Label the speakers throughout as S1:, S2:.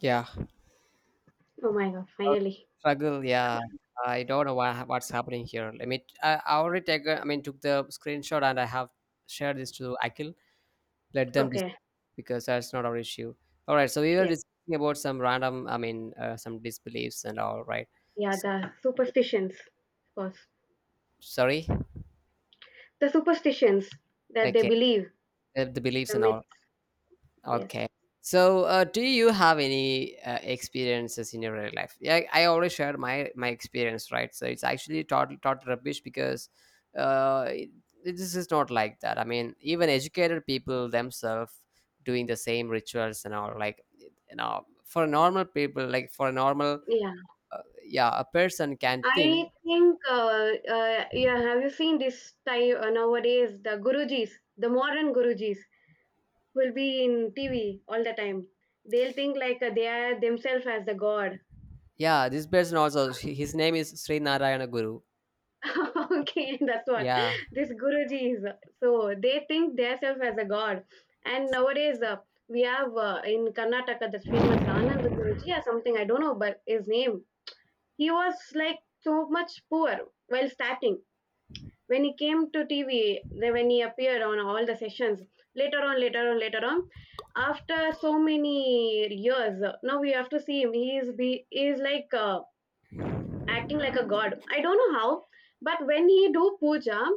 S1: Yeah,
S2: Oh my God, finally.
S1: struggle. Yeah, I don't know what's happening here. Let me. I already take. Took the screenshot and I have shared this to Akil. Let them dis-
S2: Okay.
S1: because that's not our issue. All right. So we were
S2: Yes.
S1: discussing about some random. I mean, some disbeliefs and all. Right.
S2: Yeah,
S1: So,
S2: the superstitions, of course.
S1: sorry.
S2: The superstitions that they
S1: Okay.
S2: believe,
S1: The beliefs
S2: the
S1: and
S2: myths.
S1: all.
S2: Yes.
S1: Okay. So, do you have any experiences in your real life? Yeah, I already shared my experience, right? So it's actually total rubbish because uh, it, this is not like that. I mean, even educated people themselves doing the same rituals and all, like you know, for normal people, like for a normal,
S2: Yeah.
S1: yeah, a person can think,
S2: I think, yeah, have you seen this type nowadays? The gurujis, the modern gurujis will be in TV all the time. They'll think like they are themselves as the god.
S1: yeah, this person also, his name is Sri Narayana Guru.
S2: Okay, that's what
S1: Yeah.
S2: this Guruji is. So they think themselves as a god. And nowadays, we have in Karnataka that famous Anand Guruji or something, I don't know, but his name. He was like so much poor while starting. When he came to TV, then when he appeared on all the sessions, later on, later on, later on, after so many years, now we have to see him. He is like acting like a god. I don't know how, but when he do puja,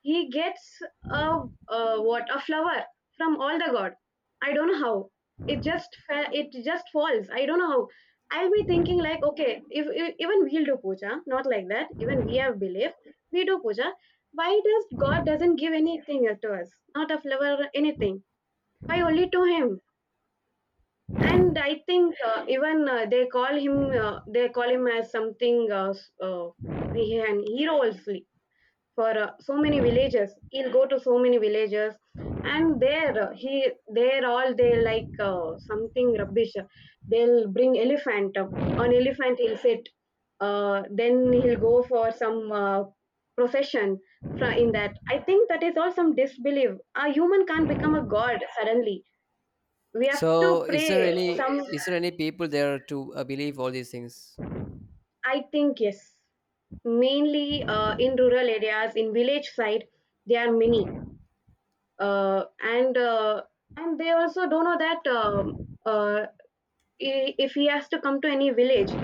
S2: he gets a, a what a flower from all the god. I don't know how. It just falls. I don't know how. I'll be thinking like, okay, if even we'll do puja, not like that. Even we have belief, we do puja. Why does God doesn't give anything to us? Not a flower, anything. Why only to Him? And I think even they call him as something an hero also for so many villages he'll go to so many villages and there he there all they like something rubbish, they'll bring elephant, on elephant he'll sit, then he'll go for some procession. In that, I think that is all some disbelief. A human can't become a god suddenly, we have to
S1: So, is there
S2: pray
S1: any
S2: some.
S1: is there any people there to believe all these things?
S2: I think yes, mainly in rural areas, in village side there are many. uh, and uh, and they also don't know that uh, if he has to come to any village,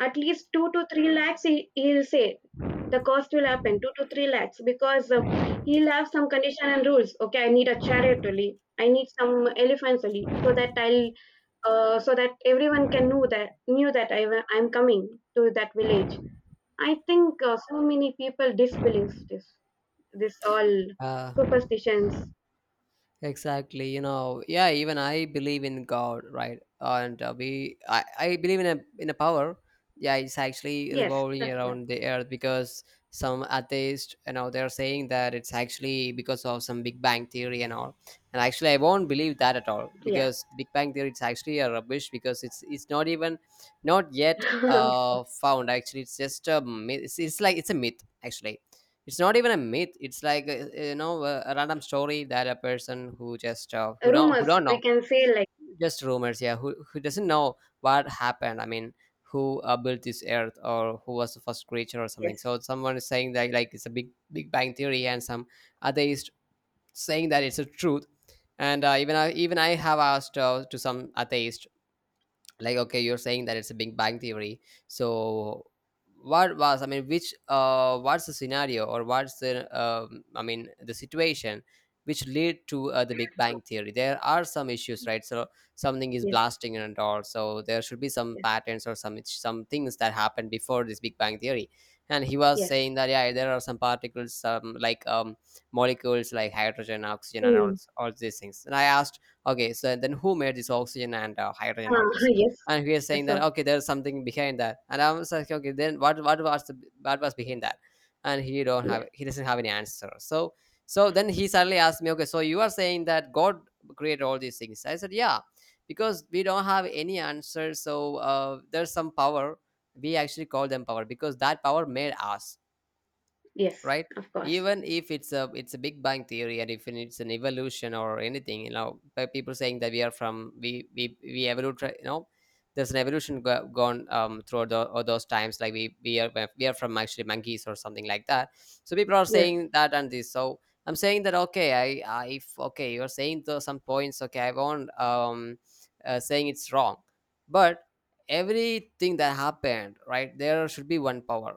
S2: at least two to three lakhs he'll say the cost will happen two to three lakhs because he'll have some condition and rules. Okay, I need a chariot only. I need some elephants only, so that I'll so that everyone can know that knew that I'm coming to that village. I think so many people disbelieve this this all
S1: Uh,
S2: superstitions.
S1: Exactly, you know, yeah. Even I believe in God, right? And I believe in a power. Yeah, it's actually
S2: Yes,
S1: revolving
S2: that's why.
S1: around the earth because some atheists, you know, they're saying that it's actually because of some Big Bang theory and all. And actually, I won't believe that at all
S2: Yeah.
S1: because Big Bang theory, it's actually a rubbish because it's not even not yet found. Actually, it's just a myth. It's a myth actually. It's not even a myth. It's like you know a random story that a person who just who
S2: Rumors,
S1: don't
S2: we
S1: know,
S2: can say like
S1: just rumors, yeah, who doesn't know what happened. I mean, who built this earth or who was the first creature or
S2: yes,
S1: something. So someone is saying that like it's a big bang theory and some atheist saying that it's a truth. And even I have asked to some atheist, like okay, you're saying that it's a big bang theory. So what was, I mean, which what's the scenario or what's the I mean the situation which lead to the big bang theory? There are some issues, right? So something is
S2: yes,
S1: blasting and all, so there should be some
S2: yes,
S1: patterns or some things that happened before this big bang theory. And he was
S2: yes.
S1: saying that yeah, there are some particles, some like molecules like hydrogen, oxygen and
S2: Mm.
S1: all these things. And I asked, okay, so then who made this oxygen and hydrogen, all this?
S2: Yes.
S1: And he was saying
S2: That's
S1: that
S2: all.
S1: okay, there's something behind that. And I was like, okay, then what was what was behind that. And
S2: Yeah,
S1: he doesn't have any answer. So so then he suddenly asked me, okay, so you are saying that God created all these things. I said yeah, because we don't have any answer. So there's some power, we actually call them power because that power made us,
S2: Yes,
S1: right?
S2: of course.
S1: Even if it's a it's a big bang theory and if it's an evolution or anything, you know, by people saying that we are from, we evolved, you know, there's an evolution gone throughout all those times, like we are from actually monkeys or something like that. So people are
S2: Yes.
S1: saying that. And this so I'm saying that okay, I, if okay, you're saying some points, okay, I won't saying it's wrong, but everything that happened, right, there should be one power.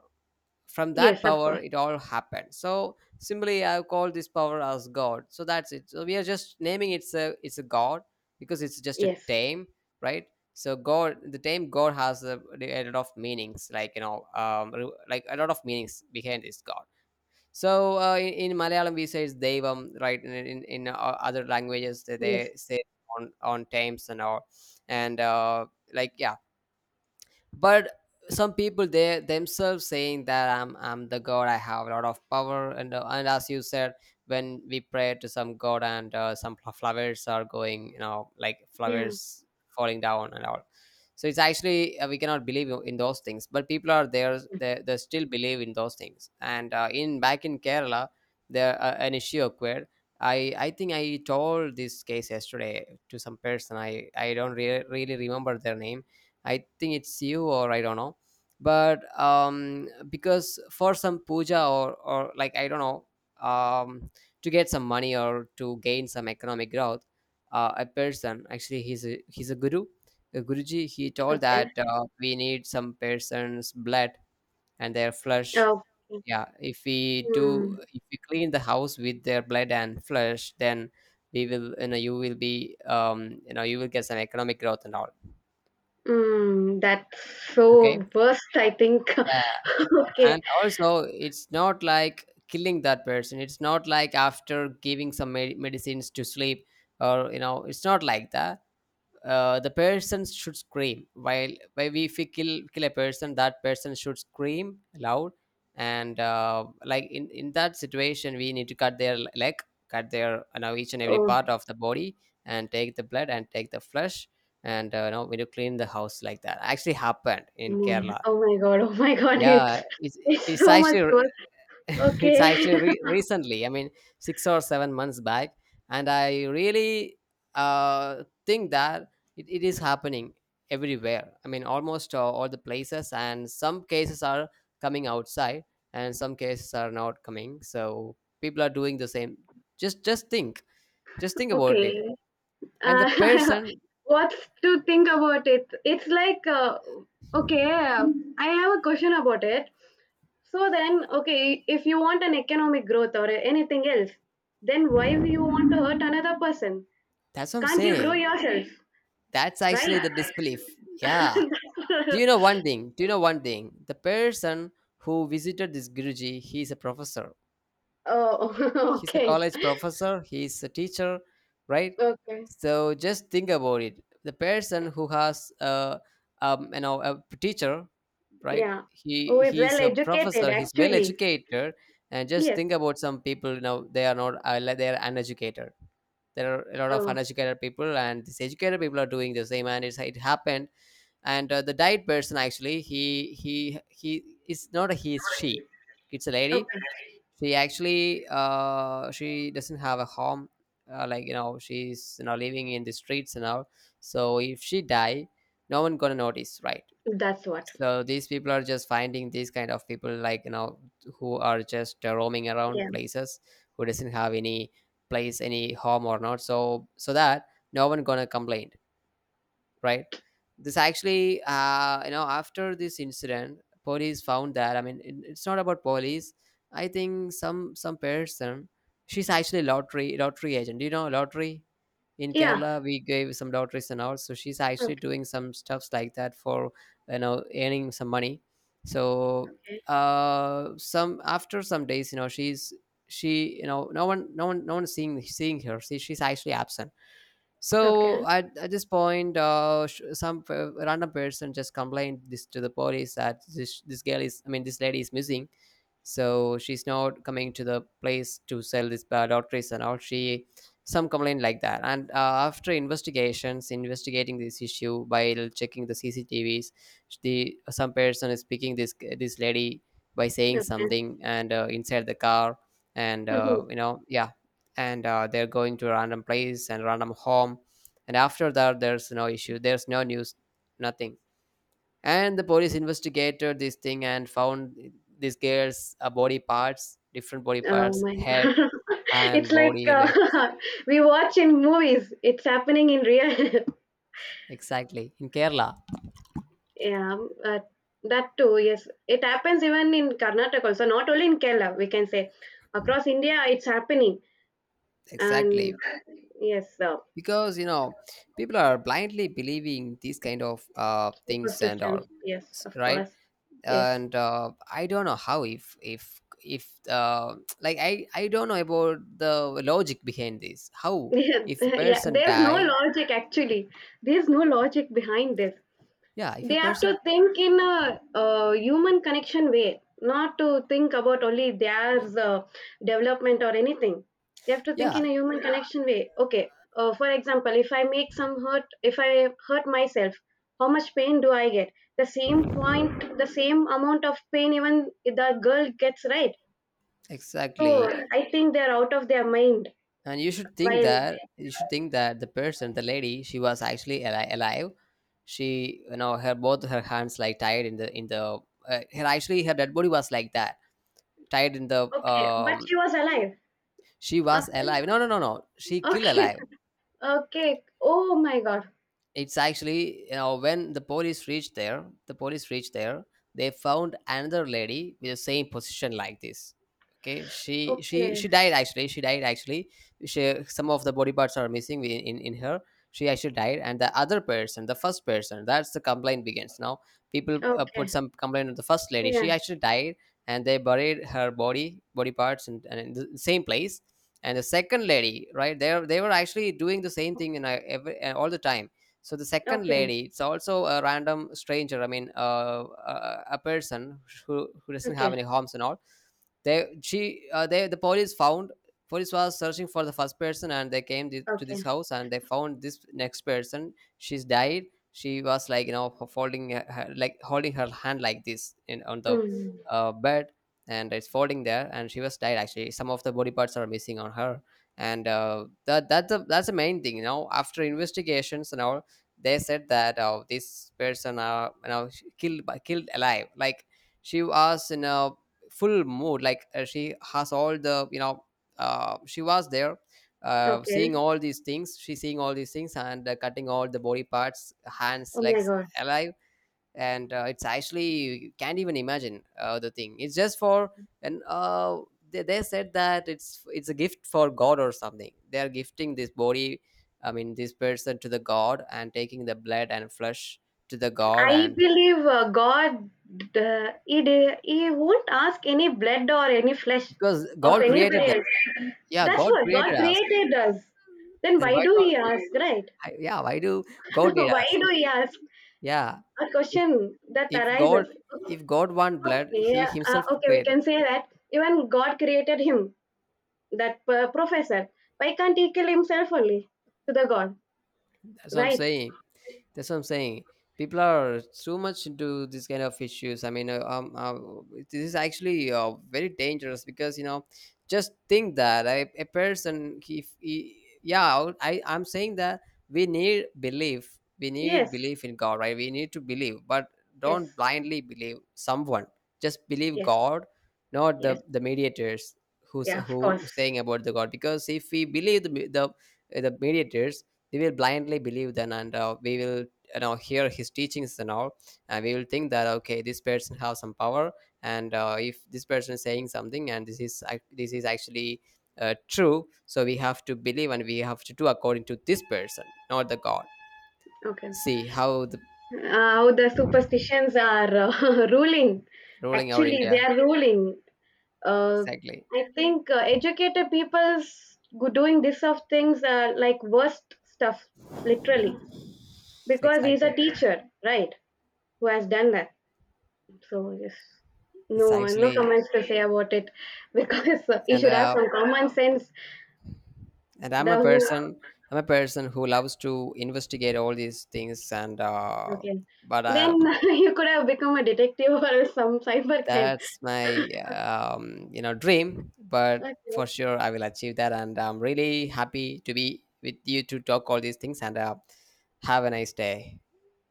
S1: From that
S2: Yes, of
S1: power
S2: course.
S1: it all happened, so simply I call this power as God. So that's it. So we are just naming, it's a god because it's just a
S2: Yes.
S1: name, right? So God, the name God has a lot of meanings, like you know, like a lot of meanings behind this God. So in Malayalam we say it's devam, right? In in other languages
S2: Yes.
S1: they say on times and all. And like yeah. But some people they themselves saying that I'm the god, I have a lot of power. And and as you said, when we pray to some god and some flowers are going, you know, like
S2: Yeah.
S1: flowers falling down and all. So it's actually we cannot believe in those things, but people are there, they still believe in those things. And in back in Kerala there an issue occurred. I think I told this case yesterday to some person. I don't really remember their name. I think it's you or I don't know. But because for some puja or like I don't know, um, to get some money or to gain some economic growth, a person, actually, he's a guru, a guruji. He told
S2: Okay.
S1: that we need some person's blood and their flesh.
S2: Oh.
S1: Yeah, if we do,
S2: Mm.
S1: if we clean the house with their blood and flesh, then we will, you know, you will be, you know, you will get some economic growth and all.
S2: Mm, that's
S1: Okay.
S2: so worst, I think. Okay.
S1: And also it's not like killing that person. It's not like after giving some medicines to sleep or you know it's not like that. The person should scream, while if we kill a person, that person should scream loud. And like in that situation we need to cut their leg, cut their, you know, each and every
S2: Oh
S1: part of the body and take the blood and take the flesh. And you know, we need to clean the house. Like that actually happened in Kerala.
S2: oh my God. Oh my God.
S1: Yeah, it's
S2: It's so much
S1: actually
S2: worse.
S1: it's
S2: Okay.
S1: actually recently, I mean, 6 or 7 months back. And I really think that it is happening everywhere. I mean, almost all the places and some cases are coming outside and some cases are not coming. So people are doing the same. Just think, just think about it.
S2: Okay.
S1: And the
S2: Uh,
S1: person,
S2: what's to think about it? It's like, okay, I have a question about it. So then, okay, if you want an economic growth or anything else, then why you want to hurt another person?
S1: that's what I'm
S2: Can't you grow
S1: saying,
S2: yourself,
S1: that's actually
S2: right?
S1: the disbelief, yeah. Do you know one thing? Do you know one thing? The person who visited this Guruji, he's a professor.
S2: Oh,
S1: He's a
S2: okay,
S1: college professor. He's a teacher, right?
S2: okay,
S1: So just think about it. The person who has, you know, a teacher, right?
S2: yeah. Who is well
S1: He's a
S2: educated,
S1: professor. He's well
S2: actually?
S1: educated. And just
S2: Yes.
S1: think about some people. You know, they are not. Like they are uneducated. There are a lot of
S2: Oh,
S1: uneducated people, and these educated people are doing the same, and it happened. And the diet person, actually, he is not a he, it's she, it's a lady.
S2: okay.
S1: She actually she doesn't have a home, like you know, she's, you know, living in the streets and all. So if she die, no one gonna notice, right?
S2: That's what.
S1: So these people are just finding these kind of people, like you know, who are just roaming around
S2: Yeah.
S1: places, who doesn't have any place, any home or not, so so that no one gonna complain, right? This actually, you know, after this incident, police found that. I mean, it's not about police. I think some person, she's actually lottery agent. Do you know lottery? In
S2: Yeah.
S1: Kerala, we gave some lotteries and all. So she's actually
S2: Okay.
S1: doing some stuffs like that for, you know, earning some money. So some after some days, you know, she, you know, no one seeing her. See, she's actually absent.
S2: Okay.
S1: So at this point, some random person just complained this to the police, that this girl is, I mean, this lady is missing, so she's not coming to the place to sell this doctors and all. She some complaint like that. And after investigations investigating this issue by checking the CCTVs, the some person is picking this lady by saying
S2: Okay.
S1: something, and inside the car, and
S2: Mm-hmm.
S1: you know, yeah. And they're going to a random place and random home. And after that, there's no issue, there's no news, nothing. And the police investigated this thing, and found this girl's body parts, different body
S2: Oh
S1: parts,
S2: my!
S1: head,
S2: It's
S1: hand,
S2: like
S1: body, like,
S2: we watch in movies. It's happening in real.
S1: exactly. In Kerala.
S2: Yeah, uh, that too. Yes, it happens even in Karnataka. Also, not only in Kerala. We can say across India, it's happening. And
S1: Exactly.
S2: yes,
S1: Because you know, people are blindly believing these kind of things and
S2: superstitions.
S1: all.
S2: Yes, of
S1: Right.
S2: course. Yes.
S1: And I don't know how if like I don't know about the logic behind this, how
S2: Yeah,
S1: if a
S2: yeah.
S1: person
S2: There's no
S1: die.
S2: logic actually. There's no logic behind this.
S1: Yeah, if
S2: They
S1: a
S2: have to
S1: person,
S2: think in a, human connection way, not to think about only their uh, development or anything. They have to think
S1: yeah,
S2: in a human connection way. Okay, for example, if I make some hurt, if I hurt myself, how much pain do I get? The same point, the same amount of pain even the girl gets, right? So
S1: exactly.
S2: I think they're out of their mind.
S1: And you should think
S2: While
S1: that, you should think that the person, the lady, she was actually alive. She, you know, her both her hands like tied in the her actually her dead body was like that, tied in the
S2: okay, but she was alive.
S1: she was
S2: After
S1: alive. No, no, no, no, she killed
S2: okay,
S1: alive.
S2: okay. Oh my god.
S1: It's actually, you know, when the police reached there, the police reached there, they found another lady with the same position like this. Okay, she
S2: Okay.
S1: died actually, she died actually. She, some of the body parts are missing in, in her. She actually died, and the other person, the first person, that's the complaint begins now. People put
S2: Okay.
S1: some complaint on the first lady, she
S2: Yeah.
S1: actually died. And they buried her body parts and in the same place. And the second lady right there, they were actually doing the same thing in every, all the time. So the second
S2: Okay.
S1: lady, it's also a random stranger, I mean a person who doesn't have
S2: Okay.
S1: any homes and all. They the police found, police was searching for the first person, and they came to this
S2: Okay.
S1: house, and they found this next person, she's died. She was like, you know, folding her, like holding her hand like this in on the
S2: Mm.
S1: bed. And it's folding there, and she was died actually, some of the body parts are missing on her. And that that's the main thing, you know, after investigations and all. They said that, oh, this person are, you know, killed by, killed alive like. She was in a full mood, like she has all the, you know, she was there, seeing
S2: Okay.
S1: all these things, she's seeing all these things, and cutting all the body parts, hands,
S2: Oh my
S1: legs,
S2: God.
S1: alive. And it's actually, you can't even imagine the thing, it's just for. And they said that it's a gift for God or something, they are gifting this body, I mean this person, to the God, and taking the blood and flesh to the God.
S2: I
S1: And
S2: believe God. He won't ask any blood or any flesh
S1: because
S2: of
S1: God created
S2: anybody
S1: them.
S2: else.
S1: Yeah,
S2: That's
S1: God
S2: what God
S1: created us.
S2: created us. Then
S1: Then
S2: why
S1: why
S2: do
S1: don't
S2: He ask, right?
S1: I, yeah, why do God need
S2: Why
S1: us
S2: do
S1: if,
S2: He ask?
S1: yeah,
S2: A
S1: if
S2: question that
S1: if god
S2: arises.
S1: if God want blood,
S2: Okay.
S1: He himself
S2: Okay. We
S1: created.
S2: can say that even God created him, that professor. Why can't He kill himself only to the God,
S1: That's what I'm
S2: right?
S1: saying. That's what I'm saying. People are too much into this kind of issues. I mean, this is actually very dangerous because you know, just think that a person, if he, yeah, I, I'm saying that we need belief. We need
S2: Yes,
S1: belief in God, right? We need to believe, but don't
S2: yes,
S1: blindly believe someone. Just believe
S2: yes,
S1: God, not
S2: yes.
S1: the mediators, who's
S2: Yeah, of
S1: who
S2: course.
S1: saying about the God. Because if we believe the mediators, we will blindly believe then, and we will, you know, hear his teachings and all. And we will think that, okay, this person has some power. And if this person is saying something, and this is this is actually true, so we have to believe and we have to do according to this person, not the God.
S2: Okay.
S1: See how the
S2: How the superstitions are ruling.
S1: ruling our
S2: Actually,
S1: India.
S2: they are ruling. Uh,
S1: Exactly.
S2: I think educated doing this of things are like worst stuff, literally, because he's a
S1: Exactly.
S2: teacher, right? Who has done that. So yes,
S1: It's
S2: no, no
S1: actually,
S2: comments to say about it, because he
S1: and
S2: should have
S1: uh,
S2: some common sense.
S1: and I'm
S2: The
S1: a
S2: who
S1: person, I'm a person who loves to investigate all these things, and
S2: Okay.
S1: but
S2: Then
S1: I.
S2: you could have become a detective or some cyber crime.
S1: That's my, you know, dream, but for
S2: Okay.
S1: sure I will achieve that, and I'm really happy to be with you to talk all these things, and have a nice day.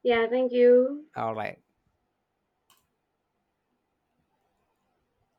S2: Yeah, thank you.
S1: All right.